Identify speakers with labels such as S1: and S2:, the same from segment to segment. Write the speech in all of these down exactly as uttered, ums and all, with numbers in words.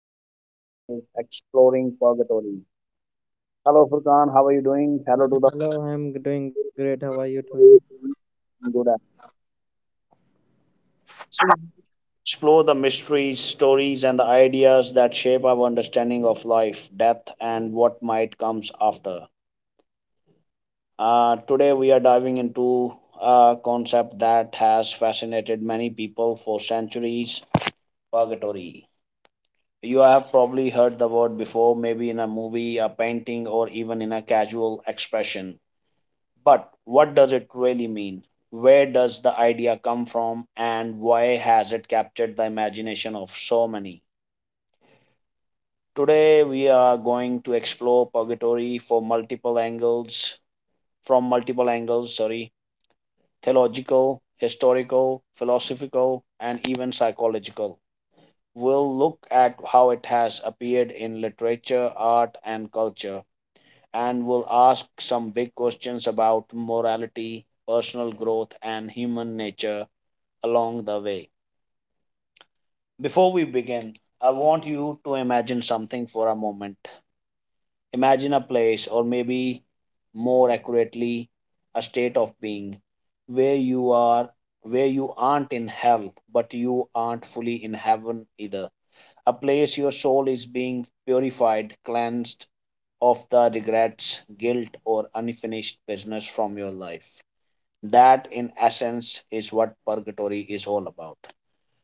S1: today's topic is exploring purgatory. Hello, Furkan. How are you doing? Hello to the
S2: Hello, I'm doing great. How are you doing?
S1: good afternoon. Explore the mysteries, stories, and the ideas that shape our understanding of life, death, and what might comes after. Uh, today, we are diving into a concept that has fascinated many people for centuries, purgatory. You have probably heard the word before, maybe in a movie, a painting, or even in a casual expression. But what does it really mean? Where does the idea come from, and why has it captured the imagination of so many? Today, we are going to explore purgatory for multiple angles, from multiple angles, sorry, theological, historical, philosophical, and even psychological. We'll look at how it has appeared in literature, art, and culture, and we'll ask some big questions about morality, personal growth, and human nature along the way. Before we begin, I want you to imagine something for a moment. Imagine a place, or maybe more accurately, a state of being where you are where you aren't in hell but you aren't fully in heaven either, a place your soul is being purified, cleansed of the regrets, guilt, or unfinished business from your life. That, in essence, is what purgatory is all about.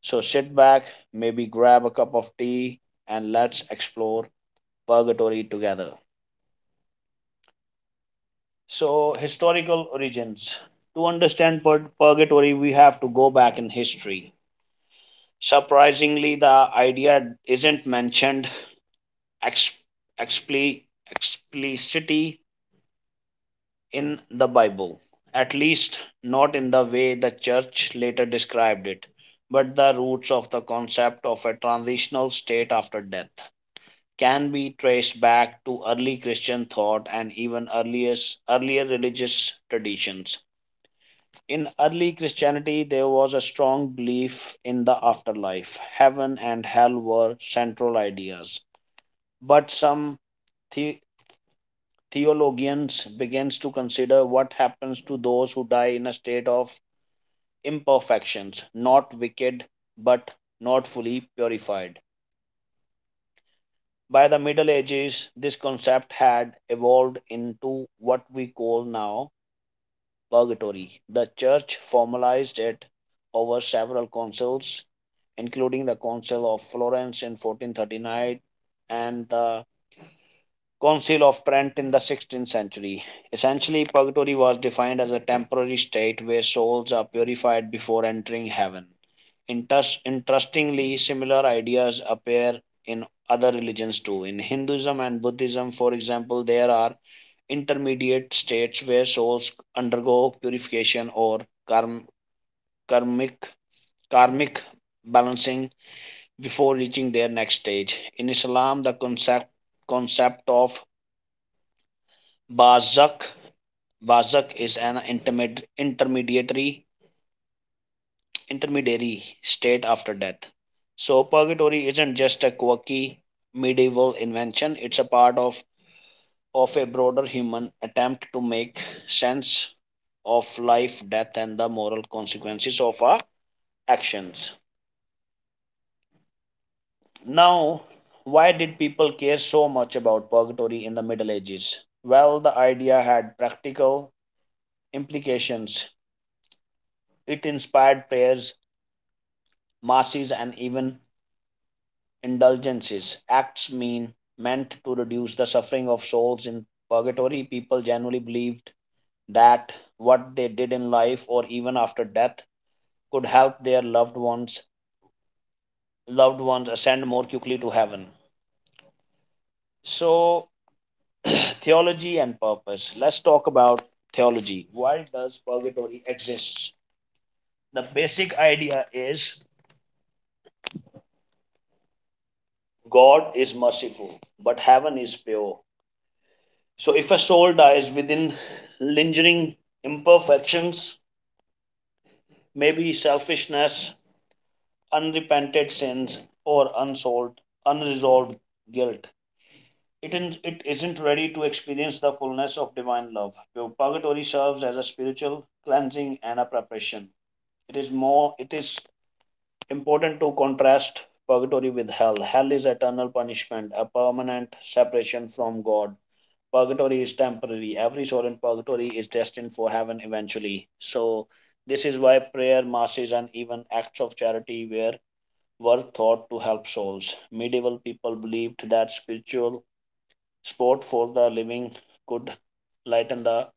S1: So sit back, maybe grab a cup of tea, and let's explore purgatory together. So, historical origins. To understand pur- purgatory, we have to go back in history. Surprisingly, the idea isn't mentioned ex- expli- explicitly in the Bible, at least not in the way the church later described it, but the roots of the concept of a transitional state after death can be traced back to early Christian thought and even earliest, earlier religious traditions. In early Christianity, there was a strong belief in the afterlife. Heaven and hell were central ideas. But some the- theologians begins to consider what happens to those who die in a state of imperfections, not wicked but not fully purified. By the Middle Ages, this concept had evolved into what we call now purgatory. The Church formalized it over several councils, including the Council of Florence in fourteen thirty-nine and the Council of Trent in the sixteenth century. Essentially, purgatory was defined as a temporary state where souls are purified before entering heaven. Inter- interestingly, similar ideas appear in other religions too. In Hinduism and Buddhism, for example, there are intermediate states where souls undergo purification or karm- karmic, karmic balancing before reaching their next stage. In Islam, the concept, concept of barzakh. Barzakh is an intermed- intermediary intermediary state after death. So purgatory isn't just a quirky medieval invention, it's a part of, of a broader human attempt to make sense of life, death and the moral consequences of our actions. Now, why did people care so much about purgatory in the Middle Ages? Well, the idea had practical implications. It inspired prayers, masses and even indulgences, acts mean meant to reduce the suffering of souls in purgatory. People generally believed that what they did in life or even after death could help their loved ones loved ones ascend more quickly to heaven. So theology and purpose. Let's talk about theology. Why does purgatory exist? The basic idea is God is merciful but heaven is pure. So, if a soul dies within lingering imperfections, maybe selfishness, unrepented sins, or unsolved, unresolved guilt, it, in, it isn't ready to experience the fullness of divine love. Purgatory serves as a spiritual cleansing and a preparation. It is more. It is important to contrast purgatory with hell. Hell is eternal punishment, a permanent separation from God. Purgatory is temporary. Every soul in purgatory is destined for heaven eventually. So, this is why prayer, masses, and even acts of charity were, were thought to help souls. Medieval people believed that spiritual sport for the living could lighten the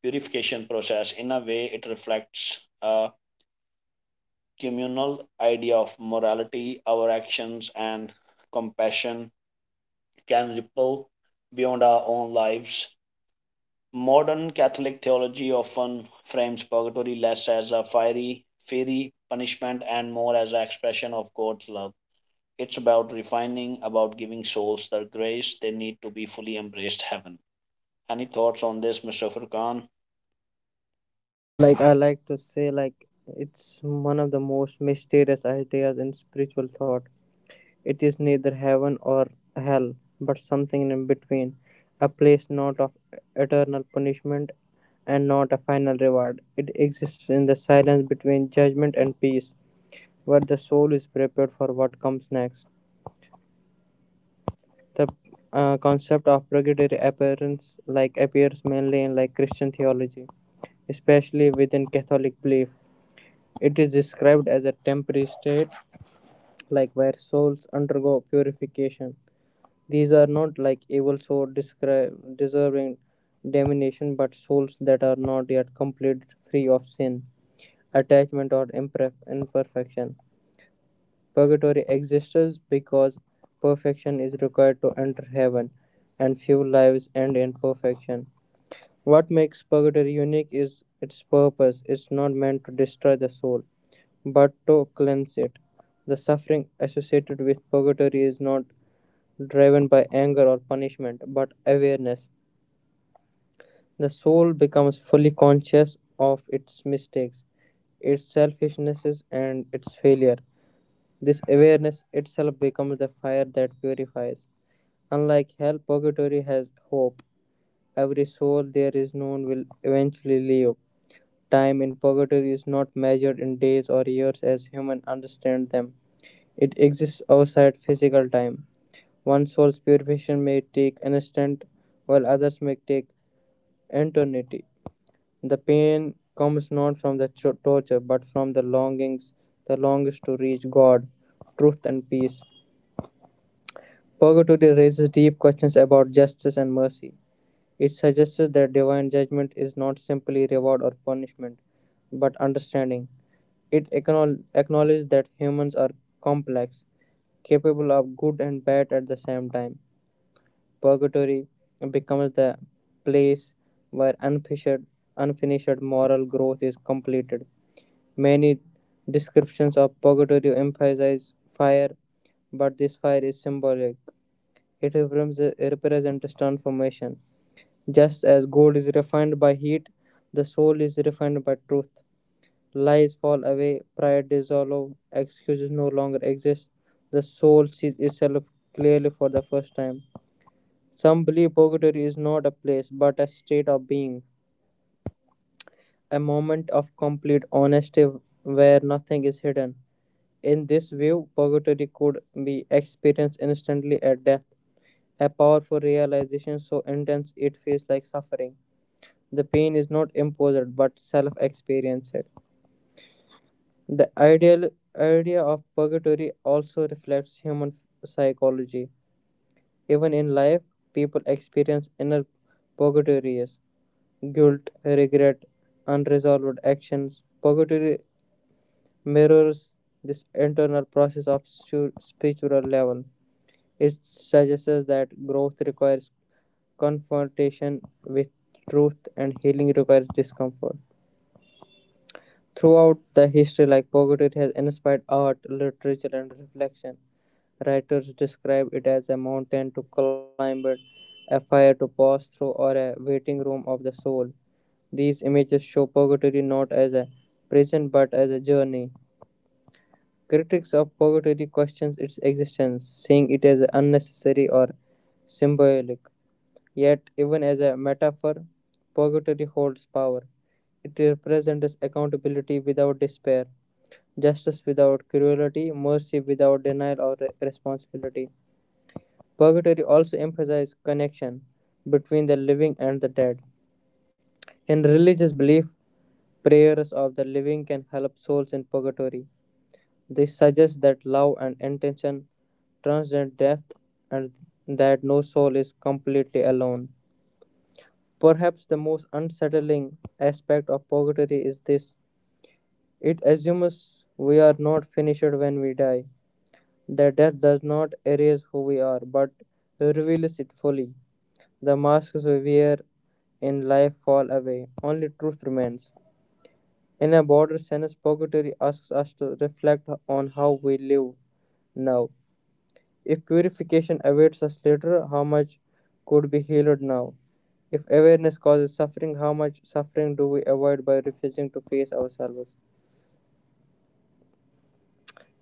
S1: purification process. In a way, it reflects a communal idea of morality. Our actions and compassion can ripple beyond our own lives. Modern Catholic theology often frames purgatory less as a fiery, fiery punishment and more as an expression of God's love. It's about refining, about giving souls the grace they need to be fully embraced heaven. Any thoughts on this, Mister Furkan?
S2: Yeah, like I like to say, like It's one of the most mysterious ideas in spiritual thought. It is neither heaven or hell, but something in between, a place not of eternal punishment and not a final reward. It exists in the silence between judgment and peace, where the soul is prepared for what comes next. The uh, concept of purgatory appearance like appears mainly in like Christian theology, especially within Catholic belief. It is described as a temporary state, like where souls undergo purification. These are not like evil souls descri- deserving damnation, but souls that are not yet completed free of sin, attachment, or imperf- imperfection. Purgatory exists because perfection is required to enter heaven, and few lives end in perfection. What makes purgatory unique is its purpose. It's not meant to destroy the soul, but to cleanse it. The suffering associated with purgatory is not driven by anger or punishment, but awareness. The soul becomes fully conscious of its mistakes, its selfishnesses, and its failure. This awareness itself becomes the fire that purifies. Unlike hell, purgatory has hope. Every soul there is known will eventually leave. Time in purgatory is not measured in days or years as humans understand them. It exists outside physical time. One soul's purification may take an instant, while others may take eternity. The pain comes not from the cho- torture, but from the longings, the longings to reach God, truth, and peace. Purgatory raises deep questions about justice and mercy. It suggests that divine judgment is not simply reward or punishment, but understanding. It acknowl- acknowledges that humans are complex, capable of good and bad at the same time. Purgatory becomes the place where unfinished, unfinished moral growth is completed. Many descriptions of purgatory emphasize fire, but this fire is symbolic. It represents represents transformation. Just as gold is refined by heat, the soul is refined by truth. Lies fall away, pride dissolves, excuses no longer exist. The soul sees itself clearly for the first time. Some believe purgatory is not a place but a state of being, a moment of complete honesty where nothing is hidden. In this view, purgatory could be experienced instantly at death, a powerful realization so intense it feels like suffering. The pain is not imposed but self experienced. The ideal idea of purgatory also reflects human psychology. Even in life, people experience inner purgatories: guilt, regret, unresolved actions. Purgatory mirrors this internal process of stu- spiritual level. It suggests that growth requires confrontation with truth, and healing requires discomfort. Throughout the history, like purgatory has inspired art, literature, and reflection. Writers describe it as a mountain to climb, it, a fire to pass through, or a waiting room of the soul. These images show purgatory not as a prison but as a journey. Critics of purgatory question its existence, seeing it as unnecessary or symbolic. Yet, even as a metaphor, purgatory holds power. It represents accountability without despair, justice without cruelty, mercy without denial or re- responsibility. Purgatory also emphasizes connection between the living and the dead. In religious belief, prayers of the living can help souls in purgatory. This suggests that love and intention transcend death, and that no soul is completely alone. Perhaps the most unsettling aspect of purgatory is this: it assumes we are not finished when we die, that death does not erase who we are but reveals it fully. The masks we wear in life fall away, only truth remains. In a broader sense, purgatory asks us to reflect on how we live now. If purification awaits us later, how much could be healed now? If awareness causes suffering, how much suffering do we avoid by refusing to face ourselves?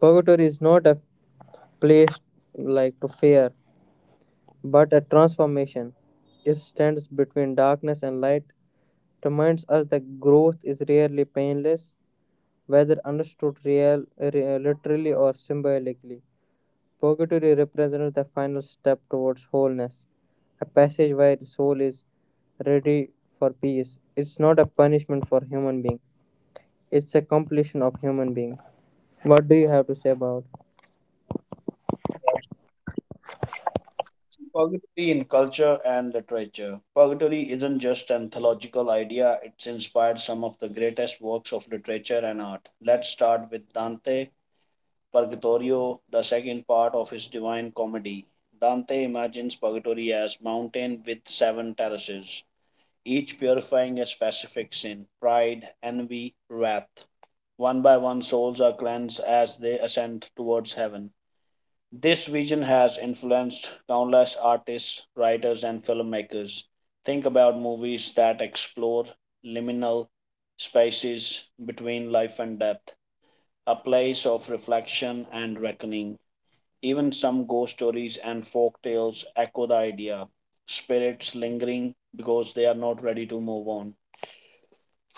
S2: Purgatory is not a place like to fear, but a transformation. It stands between darkness and light, reminds us that growth is rarely painless, whether understood real, re- literally or symbolically. Purgatory represents the final step towards wholeness, a passage where the soul is ready for peace. It's not a punishment for human being. It's a completion of human being. What do you have to say about?
S1: Yeah, that's purgatory in culture and literature. Purgatory isn't just an theological idea, it's inspired some of the greatest works of literature and art. Let's start with Dante, Purgatorio, the second part of his Divine Comedy. Dante imagines purgatory as a mountain with seven terraces, each purifying a specific sin, pride, envy, wrath. One by one, souls are cleansed as they ascend towards heaven. This vision has influenced countless artists, writers, and filmmakers. Think about movies that explore liminal spaces between life and death, a place of reflection and reckoning. Even some ghost stories and folk tales echo the idea, spirits lingering because they are not ready to move on.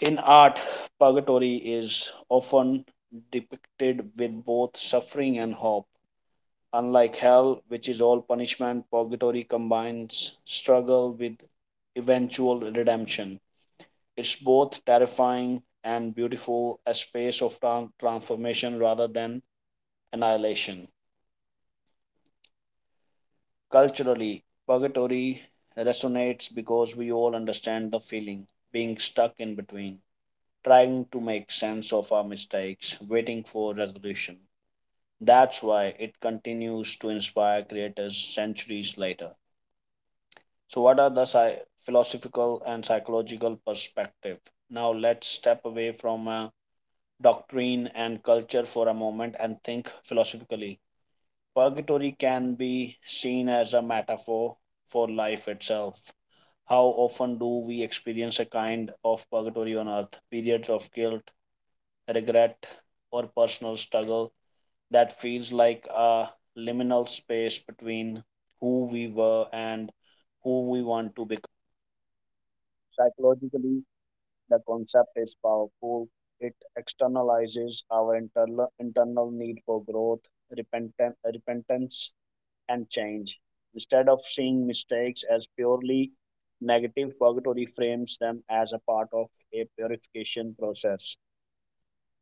S1: In art, purgatory is often depicted with both suffering and hope. Unlike hell, which is all punishment, purgatory combines struggle with eventual redemption. It's both terrifying and beautiful, a space of transformation rather than annihilation. Culturally, purgatory resonates because we all understand the feeling being stuck in between, trying to make sense of our mistakes, waiting for resolution. That's why it continues to inspire creators centuries later. So, what are the psy- philosophical and psychological perspective? Now, let's step away from uh, doctrine and culture for a moment and think philosophically. Purgatory can be seen as a metaphor for life itself. How often do we experience a kind of purgatory on earth, periods of guilt, regret, or personal struggle that feels like a liminal space between who we were and who we want to become? Psychologically, the concept is powerful. It externalizes our internal, internal need for growth, repentance, repentance and change. Instead of seeing mistakes as purely negative, Pagato reframes them as a part of a purification process,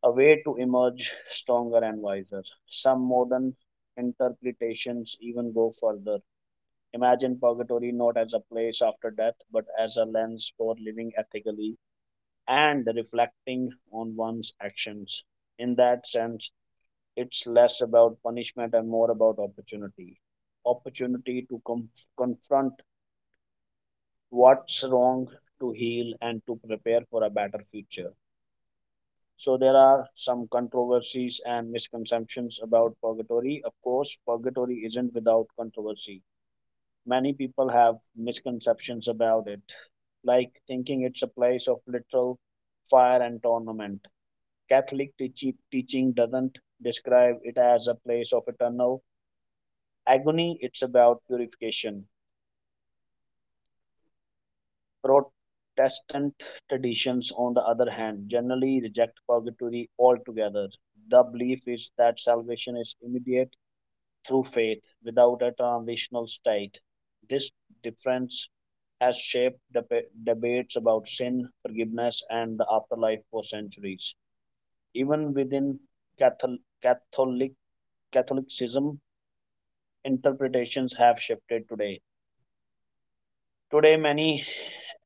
S1: a way to emerge stronger and wiser. Some modern interpretations even go further. Imagine purgatory not as a place after death, but as a lens for living ethically and reflecting on one's actions. In that sense, it's less about punishment and more about opportunity opportunity to com- confront what's wrong, to heal and to prepare for a better future. So there are some controversies and misconceptions about purgatory. Of course, purgatory isn't without controversy. Many people have misconceptions about it, like thinking it's a place of literal fire and torment. Catholic teach- teaching doesn't describe it as a place of eternal agony, it's about purification. Protestant traditions, on the other hand, generally reject purgatory altogether. The belief is that salvation is immediate through faith without a transitional state. This difference has shaped deba- debates about sin, forgiveness, and the afterlife for centuries. Even within Cathol- Catholic Catholicism, interpretations have shifted today. Today, many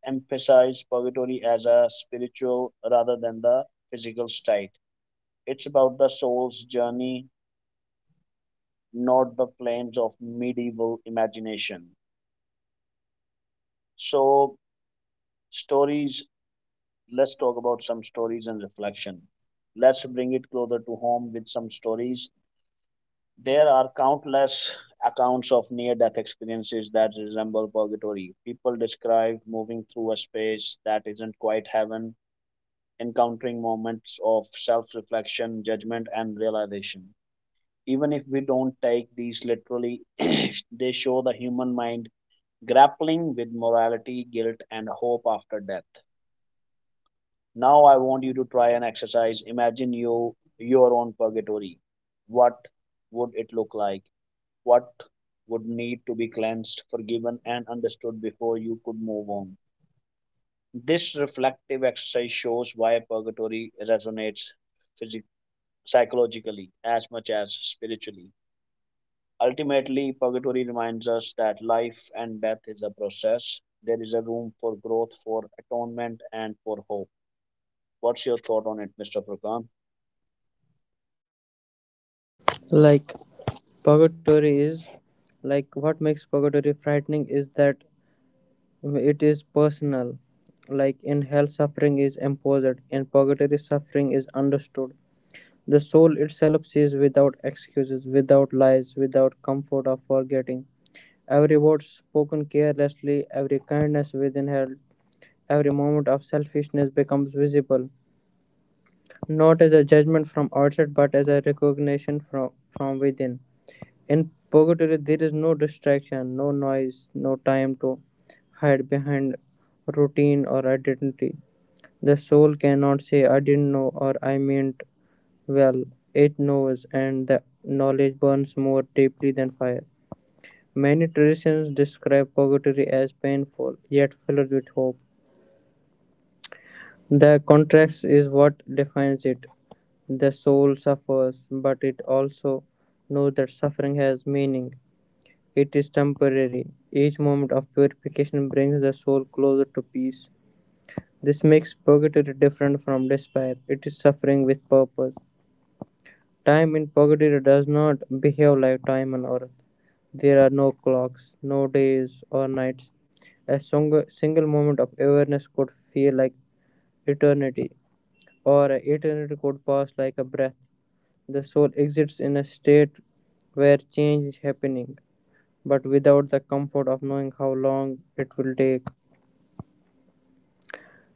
S1: emphasize purgatory as a spiritual rather than the physical state. It's about the soul's journey, not the flames of medieval imagination. So, stories, let's talk about some stories and reflection. Let's bring it closer to home with some stories. There are countless accounts of near death experiences that resemble purgatory. People describe moving through a space that isn't quite heaven, encountering moments of self reflection, judgment, and realization. Even if we don't take these literally, they show the human mind grappling with morality, guilt, and hope after death. Now, I want you to try an exercise. Imagine you your own purgatory. What would it look like? What would need to be cleansed, forgiven, and understood before you could move on? This reflective exercise shows why purgatory resonates physi- psychologically as much as spiritually. Ultimately, purgatory reminds us that life and death is a process. There is a room for growth, for atonement, and for hope. What's your thought on it, Mister Furkan?
S2: Like purgatory is like what makes purgatory frightening is that it is personal. Like in hell, suffering is imposed. In purgatory, suffering is understood. The soul itself sees without excuses, without lies, without comfort of forgetting. Every word spoken carelessly, every kindness within her, every moment of selfishness becomes visible, not as a judgment from outside, but as a recognition from, from within. In purgatory, there is no distraction, no noise, no time to hide behind routine or identity. The soul cannot say, I didn't know or I meant well. It knows, and the knowledge burns more deeply than fire. Many traditions describe purgatory as painful, yet filled with hope. The contrast is what defines it. The soul suffers, but it also knows that suffering has meaning. It is temporary. Each moment of purification brings the soul closer to peace. This makes purgatory different from despair. It is suffering with purpose. Time in Pocketeer does not behave like time on Earth. There are no clocks, no days or nights. A song- single moment of awareness could feel like eternity, or eternity could pass like a breath. The soul exists in a state where change is happening, but without the comfort of knowing how long it will take.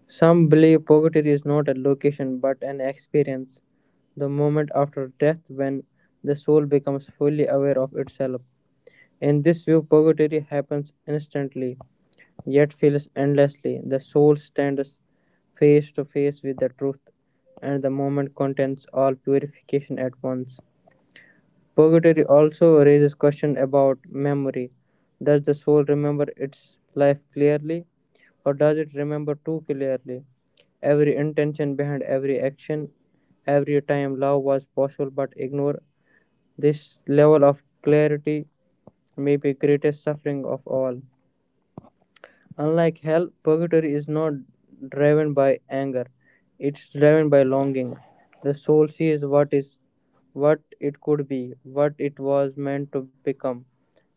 S2: Some believe purgatory is not a location but an experience, the moment after death when the soul becomes fully aware of itself. In this view, purgatory happens instantly, yet feels endlessly. The soul stands face to face with the truth, and the moment contains all purification at once. Purgatory also raises question about memory. Does the soul remember its life clearly, or does it remember too clearly? Every intention behind every action, every time love was possible but ignored. This level of clarity may be greatest suffering of all. Unlike hell, purgatory is not driven by anger, it's driven by longing. The soul sees what is what it could be, what it was meant to become,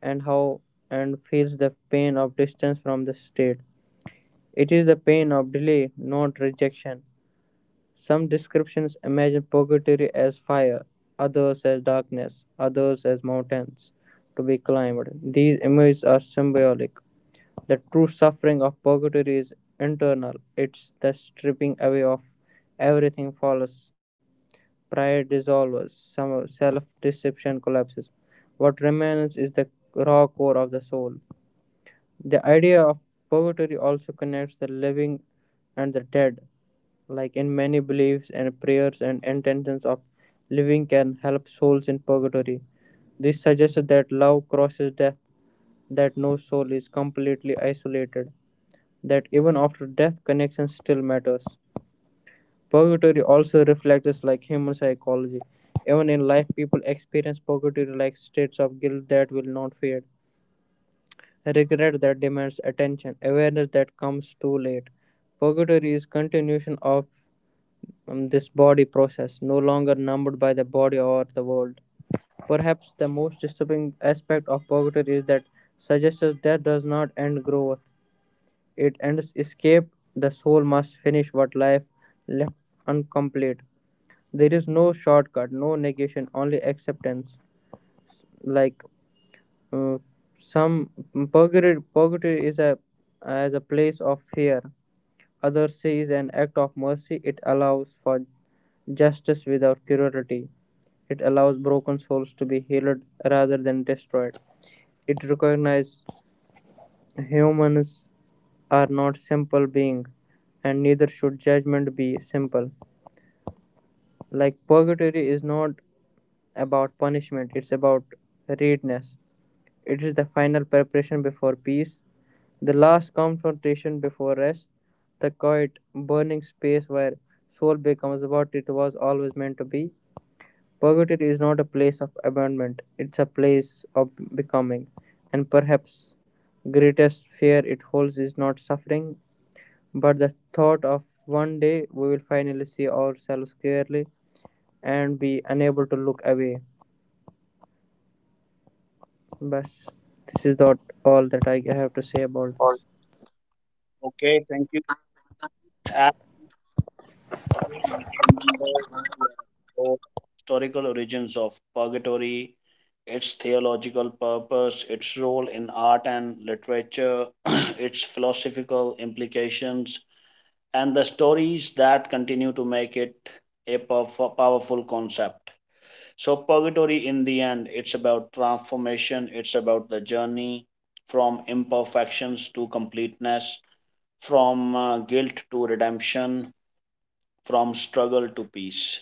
S2: and how and feels the pain of distance from the state. It is the pain of delay, not rejection. Some descriptions imagine purgatory as fire, others as darkness, others as mountains to be climbed. These images are symbolic. The true suffering of purgatory is internal, it is the stripping away of everything false. Pride dissolves, self deception collapses. What remains is the raw core of the soul. The idea of purgatory also connects the living and the dead. Like in many beliefs, and prayers and intentions of living can help souls in purgatory. This suggests that love crosses death, that no soul is completely isolated, that even after death connection still matters. Purgatory also reflects like human psychology. Even in life, people experience purgatory like states of guilt that will not fade, regret that demands attention, awareness that comes too late. Purgatory is continuation of um, this body process, no longer numbered by the body or the world. Perhaps the most disturbing aspect of purgatory is that suggests that does not end growth, it ends escape. The soul must finish what life left incomplete. There is no shortcut, no negation, only acceptance. Like uh, some purgatory, purgatory is a as a place of fear. Others say is an act of mercy. It allows for justice without cruelty. It allows broken souls to be healed rather than destroyed. It recognizes humans are not simple beings, and neither should judgment be simple. Like purgatory is not about punishment, it's about readiness. It is the final preparation before peace, the last confrontation before rest, the quiet burning space where soul becomes what it was always meant to be. Purgatory is not a place of abandonment, it's a place of becoming. And perhaps greatest fear it holds is not suffering, but the thought of one day we will finally see ourselves clearly and be unable to look away. But this is not all that I have to say
S1: Say
S2: about
S1: about.
S2: this.
S1: Okay, thank you. And remember that we are exploring historical origins of purgatory, its theological purpose, its role in art and literature, its philosophical implications, and the stories that continue to make it a pow- powerful concept. So, purgatory in the end, it's about transformation, it's about the journey from imperfections to completeness, from uh, guilt to redemption, from struggle to peace.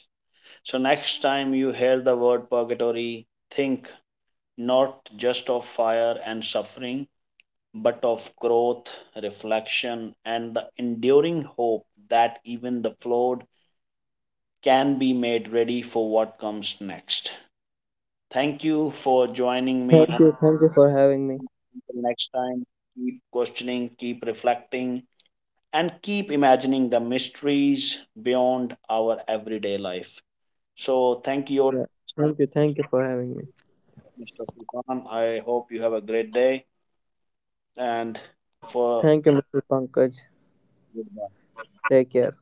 S1: So, next time you hear the word purgatory, think not just of fire and suffering, but of growth, reflection, and the enduring hope that even the flawed can be made ready for what comes next. Thank you for joining me.
S2: Thank
S1: On-
S2: you, thank you for having me.
S1: Until next time, keep questioning, keep reflecting, and keep imagining the mysteries beyond our everyday life. So, thank you,
S2: Yeah. Thank you, thank you for having me.
S1: Mister Furqan. I hope you have a great day and
S2: Thank,
S1: for
S2: thank you, mister Pankaj.
S1: goodbye.
S2: Take care.